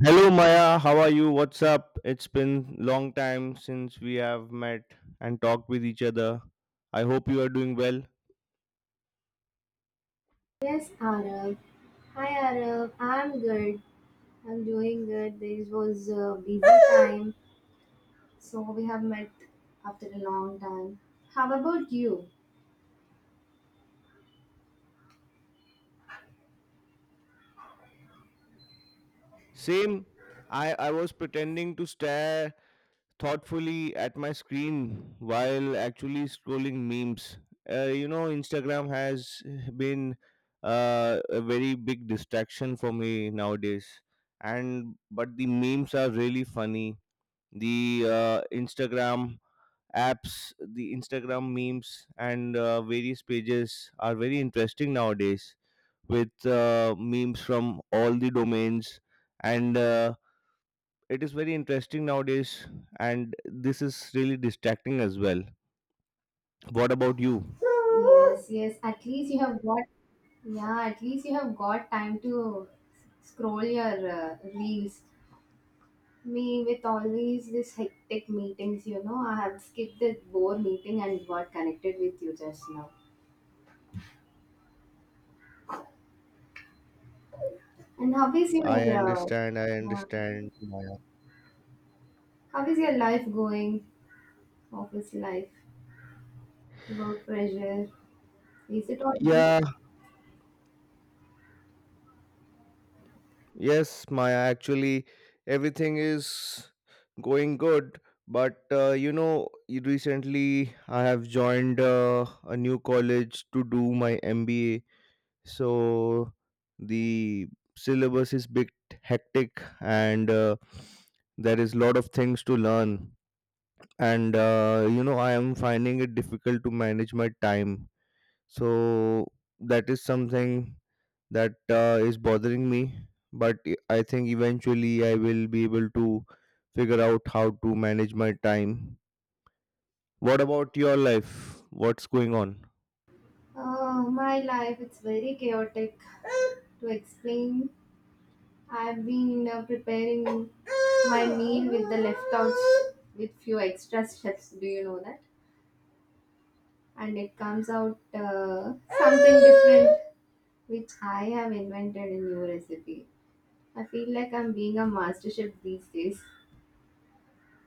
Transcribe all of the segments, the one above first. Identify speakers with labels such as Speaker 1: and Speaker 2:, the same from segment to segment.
Speaker 1: Hello Maya, how are you? What's up? It's been long time since we have met and talked with each other. I hope you are doing well.
Speaker 2: Yes, Arab. Hi, Arab. I'm good. I'm doing good. This was a busy time, so we have met after a long time. How about you?
Speaker 1: Same. I was pretending to stare thoughtfully at my screen while actually scrolling memes. Instagram has been a very big distraction for me nowadays, and but the memes are really funny. The Instagram apps, the Instagram memes, and various pages are very interesting nowadays with memes from all the domains and it is very interesting nowadays, and this is really distracting as well. What about you?
Speaker 2: Yes, yes. At least you have got yeah. At least you have got time to scroll your reels. Me with always this hectic meetings, you know. I have skipped this bore meeting and got connected with you just now. And how is your
Speaker 1: I
Speaker 2: yeah.
Speaker 1: understand, Maya.
Speaker 2: How is your life going? Office life, work pressure. Is it all good?
Speaker 1: Yeah, yes, Maya. Actually, everything is going good, but recently I have joined a new college to do my MBA. So the syllabus is bit hectic, and there is lot of things to learn. And I am finding it difficult to manage my time, so that is something that is bothering me, but I think eventually I will be able to figure out how to manage my time. What about your life? What's going on?
Speaker 2: My life, it's very chaotic to explain. I've been preparing my meal with the leftovers with few extra steps. Do you know that? And it comes out something different, which I have invented a new recipe. I feel like I'm being a master chef these days.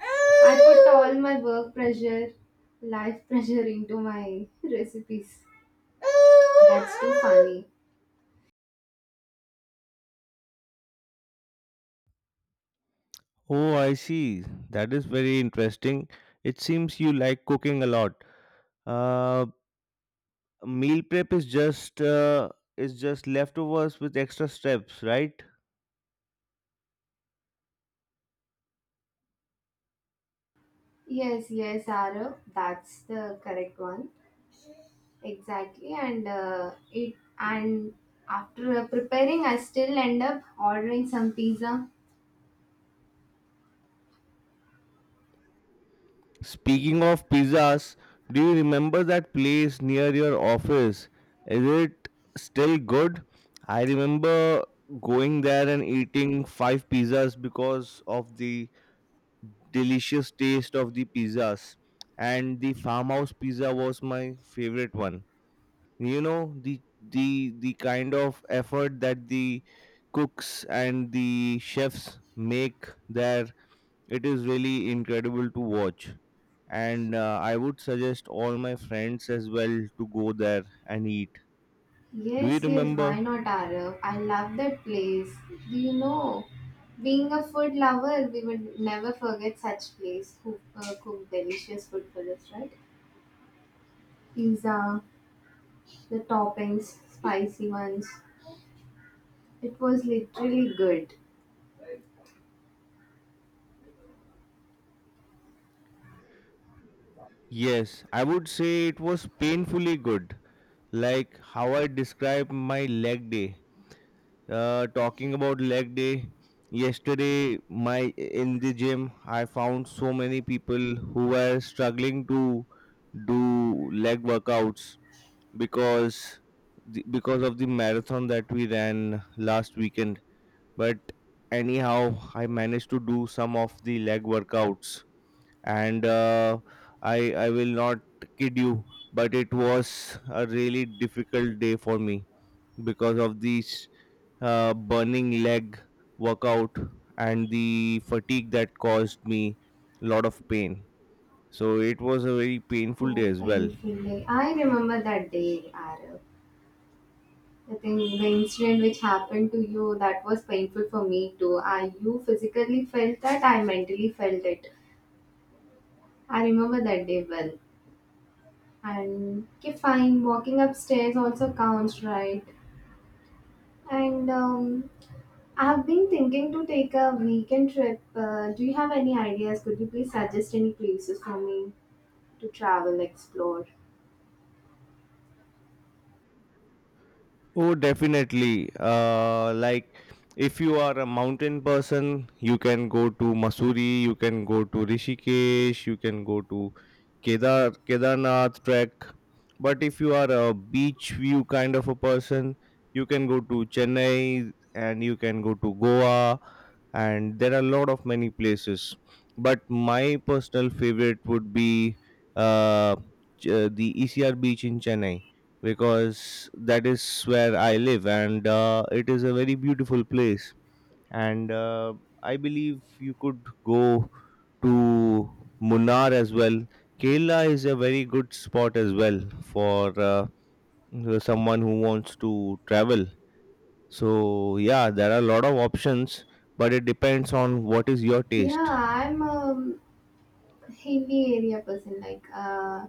Speaker 2: I put all my work pressure, life pressure into my recipes. That's too funny.
Speaker 1: Oh, I see. That is very interesting. It seems you like cooking a lot. uh, Meal prep is just leftovers with extra steps, right?
Speaker 2: Yes, yes, Arav, that's the correct one. Exactly, and after preparing, I still end up ordering some pizza.
Speaker 1: Speaking of pizzas, do you remember that place near your office? Is it still good? I remember going there and eating five pizzas because of the delicious taste of the pizzas. And the farmhouse pizza was my favorite one. You know, the kind of effort that the cooks and the chefs make their, it is really incredible to watch. And I would suggest all my friends as well to go there and eat. Do you
Speaker 2: Yes, yes,
Speaker 1: remember?
Speaker 2: why not, Arav? I love that place. Do you know? Being a food lover, we would never forget such place who cook delicious food for us, right? Pizza, the toppings, spicy ones. It was literally good.
Speaker 1: Yes, I would say it was painfully good. Like how I described my leg day. Talking about leg day, yesterday my in the gym I found so many people who were struggling to do leg workouts because because of the marathon that we ran last weekend. But anyhow, I managed to do some of the leg workouts, and I will not kid you, but it was a really difficult day for me because of this burning leg workout and the fatigue that caused me a lot of pain. So it was a very painful day
Speaker 2: Oh,
Speaker 1: as well.
Speaker 2: painful day. I remember that day, Arab. The incident which happened to you, that was painful for me too. I, you physically felt that, I mentally felt it. I remember that day well. And okay, fine, walking upstairs also counts, right? And I've been thinking to take a weekend trip. Do you have any ideas? Could you please suggest any places for me to travel, explore?
Speaker 1: Oh, definitely. Like if you are a mountain person, you can go to Masuri, you can go to Rishikesh, you can go to Kedarnath trek. But if you are a beach view kind of a person, you can go to Chennai and you can go to Goa, and there are a lot of many places. But my personal favorite would be uh, the ECR beach in Chennai because that is where I live, and it is a very beautiful place. And I believe you could go to Munnar as well. Kerala is a very good spot as well for someone who wants to travel. So yeah, there are a lot of options, but it depends on what is your
Speaker 2: Yeah,
Speaker 1: taste.
Speaker 2: I'm a hilly area person. Like,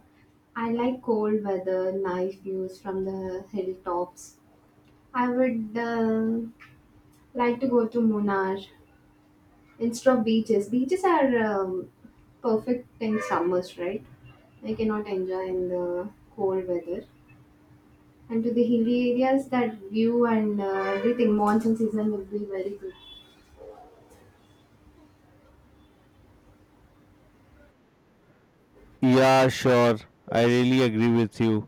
Speaker 2: I like cold weather, nice views from the hilltops. I would like to go to Munnar instead of beaches. Beaches are perfect in summers, right? I cannot enjoy in the cold weather. And to the hilly areas, that view and everything, monsoon season will be very good.
Speaker 1: Yeah, sure. I really agree with you.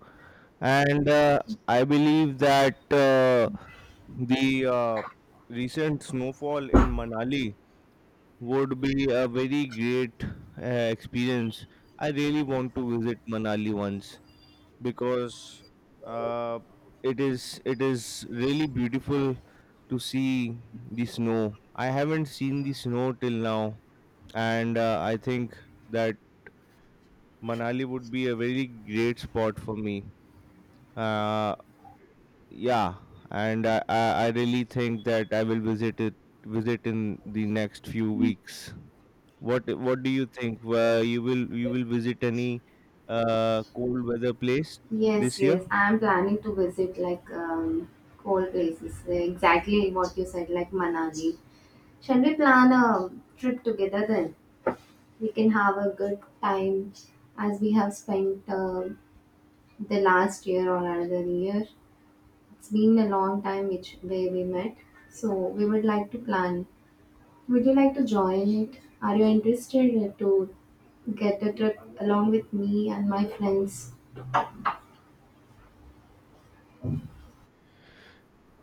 Speaker 1: And I believe that the recent snowfall in Manali would be a very great experience. I really want to visit Manali once because uh, it is it is really beautiful to see the snow. I haven't seen the snow till now, and I think that Manali would be a very great spot for me. Uh, yeah, and I really think that I will visit in the next few weeks. What do you think? Where you will visit any cold weather place
Speaker 2: Yes,
Speaker 1: this year?
Speaker 2: yes. I'm planning to visit like cold places. Exactly what you said, like Manali. Shall we plan a trip together then? We can have a good time as we have spent the last year or another year. It's been a long time which way we met. So we would like to plan. Would you like to join it? Are you interested to get a trip along with me and my friends?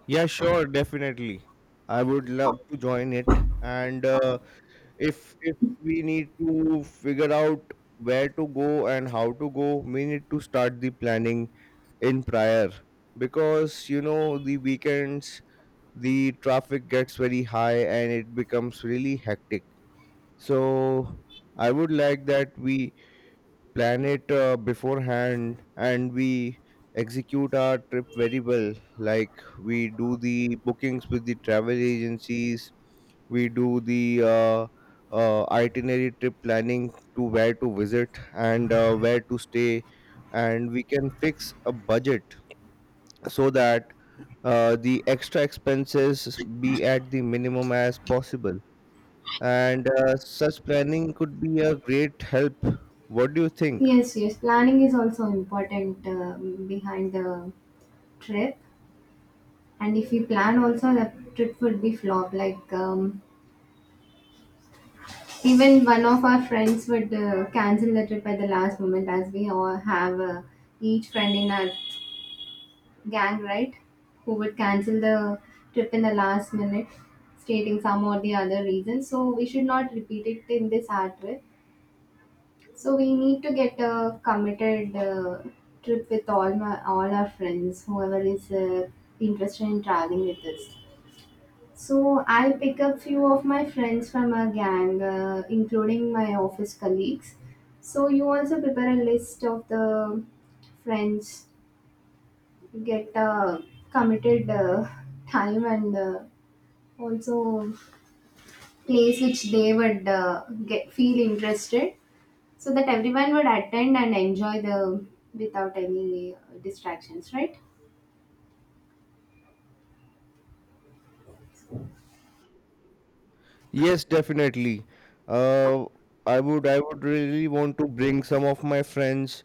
Speaker 1: Yeah, sure, definitely. I would love to join it, and if we need to figure out where to go and how to go, we need to start the planning in prior because you know the weekends the traffic gets very high and it becomes really hectic. So I would like that we plan it beforehand and we execute our trip very well, like we do the bookings with the travel agencies, we do the itinerary trip planning to where to visit and where to stay, and we can fix a budget so that the extra expenses be at the minimum as possible. And such planning could be a great help. What do you think?
Speaker 2: Yes, yes. Planning is also important behind the trip. And if we plan also, the trip would be flop. Like even one of our friends would cancel the trip at the last moment, as we all have each friend in our gang, right? Who would cancel the trip in the last minute, stating some or the other reason. So we should not repeat it in this our trip. So we need to get a committed trip with all our friends, whoever is interested in traveling with us. So I'll pick up few of my friends from our gang, including my office colleagues. So you also prepare a list of the friends, get a committed time and also place which they would get feel interested. So that everyone would attend and enjoy the without any distractions, right?
Speaker 1: Yes, definitely. Uh, I would really want to bring some of my friends.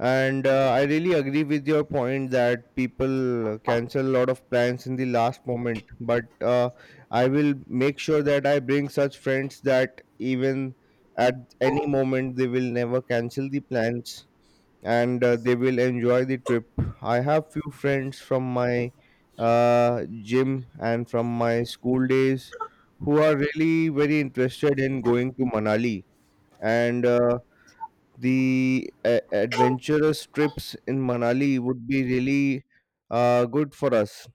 Speaker 1: And I really agree with your point that people cancel a lot of plans in the last moment. But I will make sure that I bring such friends that even at any moment they will never cancel the plans, and they will enjoy the trip. I have few friends from my gym and from my school days who are really very interested in going to Manali . And the a adventurous trips in Manali would be really good for us.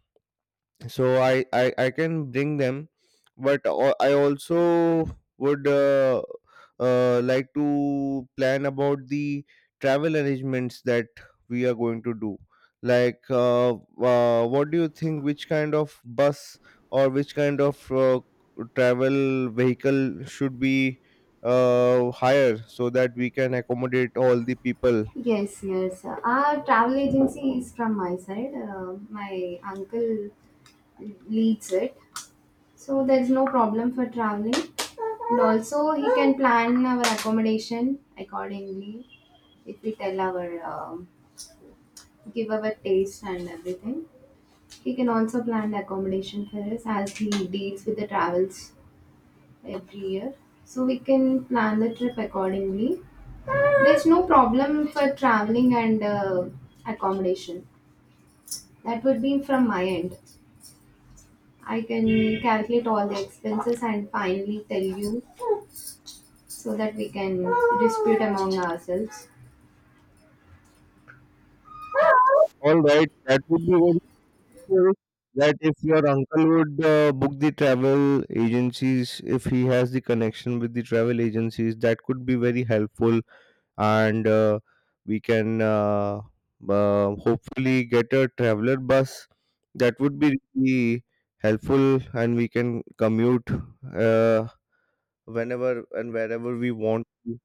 Speaker 1: So I can bring them, but I also would like to plan about the travel arrangements that we are going to do. Like what do you think, which kind of bus or which kind of travel vehicle should be hire so that we can accommodate all the people?
Speaker 2: Yes, yes. Our travel agency is from my side. My uncle leads it. So there's no problem for traveling. And also, he can plan our accommodation accordingly if we tell our, um give our taste and everything. He can also plan the accommodation for us as he deals with the travels every year, so we can plan the trip accordingly. There's no problem for traveling and accommodation. That would be from my end. I can calculate all the expenses and finally tell you, so that we can dispute among ourselves.
Speaker 1: All right, that would be good theory that if your uncle would book the travel agencies, if he has the connection with the travel agencies, that could be very helpful, and we can hopefully get a traveler bus. That would be really helpful, and we can commute uh, whenever and wherever we want to.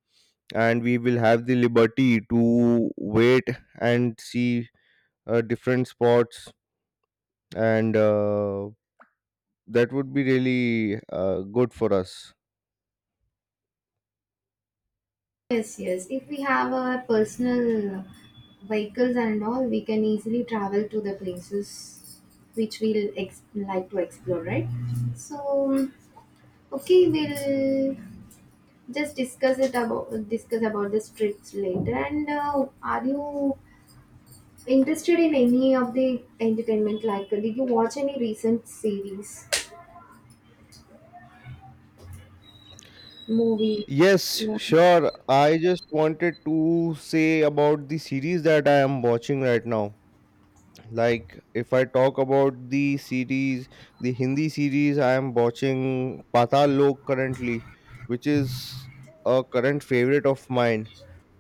Speaker 1: And we will have the liberty to wait and see different spots . And that would be really good for us.
Speaker 2: Yes, yes, if we have our personal vehicles and all, we can easily travel to the places which we'll ex- like to explore, right? So okay, we'll just discuss about the trips later. And are you interested in any of the entertainment? Like, did you watch any recent series, movie?
Speaker 1: Yes,
Speaker 2: Yeah.
Speaker 1: sure. I just wanted to say about the series that I am watching right now. Like, if I talk about the series, the Hindi series, I am watching Patal Lok currently, which is a current favorite of mine.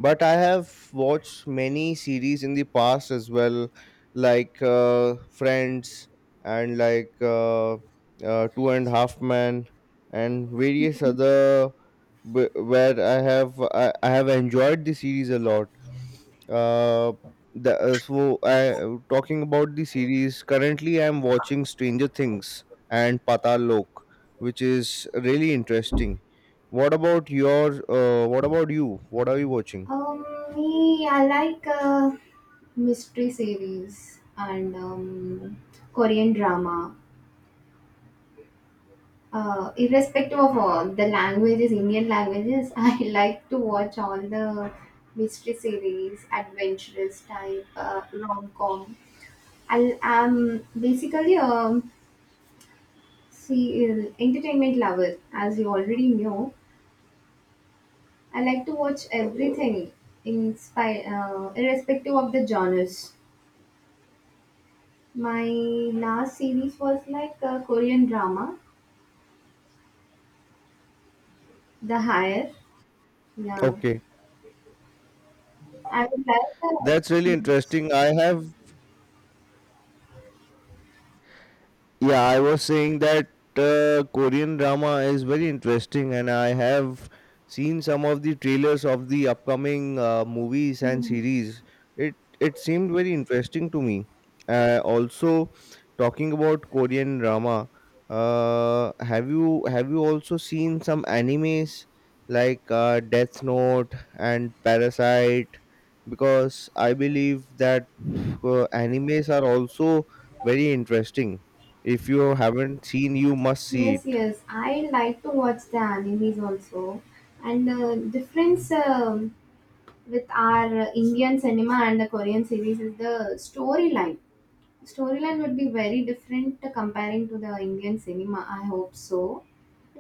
Speaker 1: But I have watched many series in the past as well, like Friends and like Two and a Half Men and various other, where I have enjoyed the series a lot. Uh, the, so I talking about the series, currently I'm watching Stranger Things and Patal Lok, which is really interesting. What about your what about you? What are you watching?
Speaker 2: Um, Me, I like mystery series and Korean drama. Irrespective of all the languages, Indian languages, I like to watch all the mystery series, adventurous type, rom com. I am basically see entertainment lover, as you already know. I like to watch everything, in spite, irrespective of the genres. My last series was like a Korean drama, The Higher. Yeah,
Speaker 1: Okay,
Speaker 2: I would like that.
Speaker 1: that's really
Speaker 2: Yes.
Speaker 1: interesting. I have. Yeah, I was saying that Korean drama is very interesting, and I have seen some of the trailers of the upcoming movies and
Speaker 2: Mm-hmm.
Speaker 1: series. It seemed very interesting to me. Also, talking about Korean drama, have you also seen some animes like Death Note and Parasite? Because I believe that animes are also very interesting. If you haven't seen, you must see
Speaker 2: Yes,
Speaker 1: it.
Speaker 2: yes. I like to watch the animes also, and difference with our Indian cinema and the Korean series is the storyline. Storyline would be very different comparing to the Indian cinema. I hope so.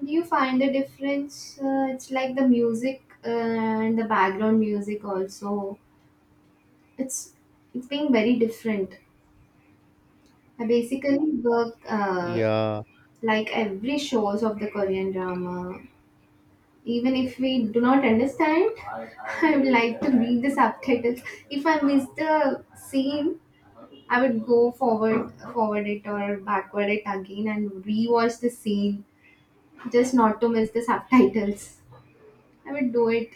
Speaker 2: Do you find the difference? It's like the music and the background music also. It's it's being very different. I basically work
Speaker 1: Yeah.
Speaker 2: like every shows of the Korean drama, even if we do not understand. I would like to read the subtitles. If I miss the scene, I would go forward it or backward it again and rewatch the scene, just not to miss the subtitles. I would do it.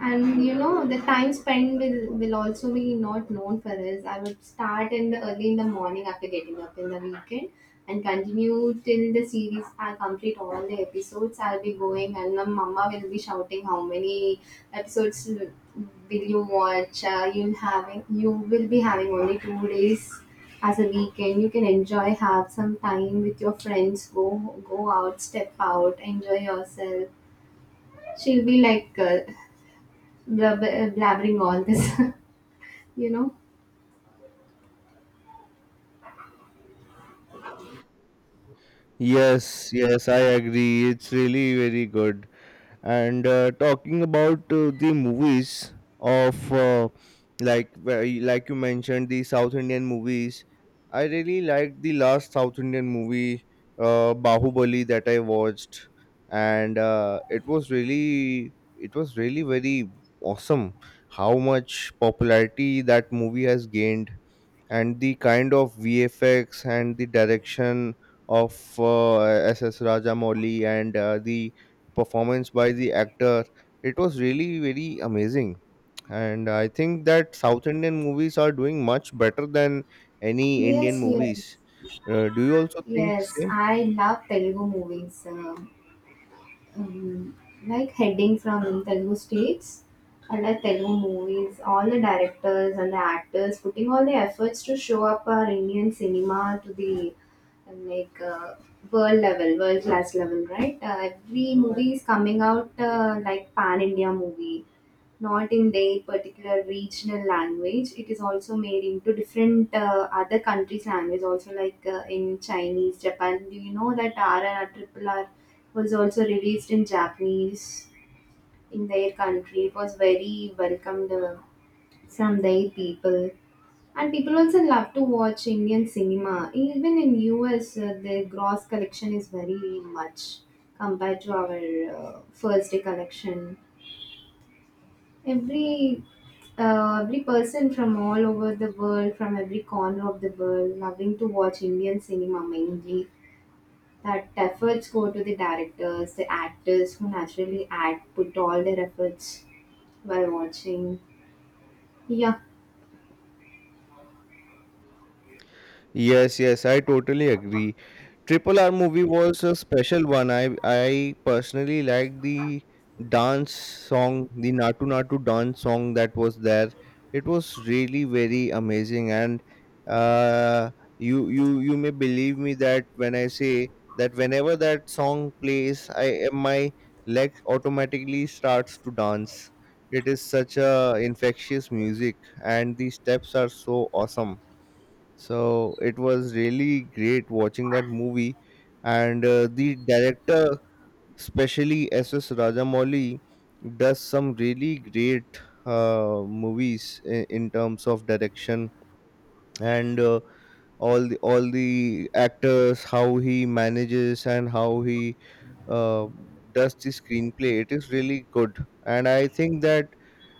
Speaker 2: And you know, the time spent will also be not known for this. I would start in the early in the morning after getting up in the weekend and continue till the series I complete all the episodes. I'll be going and my mama will be shouting how many episodes will you watch. You will be having only 2 days as a weekend. You can enjoy, have some time with your friends, go out, step out, enjoy yourself. She'll be like blabbering all this, you know.
Speaker 1: Yes, yes, I agree. It's really very good. And talking about the movies of like you mentioned the South Indian movies, I really liked the last South Indian movie, Bahubali, that I watched. And it was really very awesome how much popularity that movie has gained, and the kind of VFX and the direction of SS Rajamouli, and the performance by the actor, it was really very amazing. And I think that South Indian movies are doing much better than any Indian
Speaker 2: Yes, yes.
Speaker 1: movies. Do you also think
Speaker 2: Yes,
Speaker 1: same?
Speaker 2: I love Telugu movies. Um, like heading from Telugu states, I like Telugu movies. All the directors and the actors putting all the efforts to show up our Indian cinema to the like world level, world class level, right? Every movie is coming out like pan India movie, not in their particular regional language. It is also made into different other countries' language, also like in Chinese, Japan. Do you know that RRR Triple R was also released in Japanese in their country? It was very welcomed from their people. And people also love to watch Indian cinema. Even in US, the gross collection is very much compared to our first day collection. Every every person from all over the world, from every corner of the world, loving to watch Indian cinema mainly. That efforts go to the directors, the actors who naturally act, put all their efforts while watching. Yeah,
Speaker 1: Yes, yes, I totally agree. Triple R movie was a special one. I personally liked the dance song, the Natu Natu dance song that was there. It was really very amazing, and uh, you may believe me that when I say that whenever that song plays, I my leg automatically starts to dance. It is such a infectious music, and the steps are so awesome. So it was really great watching that movie, and the director, especially S.S. Rajamouli, does some really great movies in terms of direction, and all the actors, how he manages and how he uh, does the screenplay, it is really good. And I think that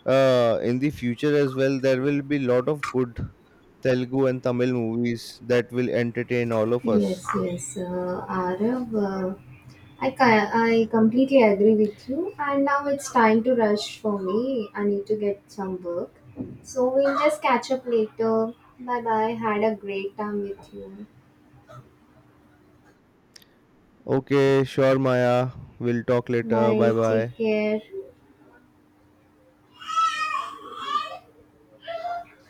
Speaker 1: in the future as well there will be lot of good Telugu and Tamil movies that will entertain all of us.
Speaker 2: yes, yes. Arav, I completely agree with you. And now it's time to rush for me. I need to get some work. So we'll just catch up later. Bye bye. Had a great time with you.
Speaker 1: Okay, sure, Maya. We'll talk later.
Speaker 2: Bye.
Speaker 1: Bye
Speaker 2: Take
Speaker 1: bye.
Speaker 2: care.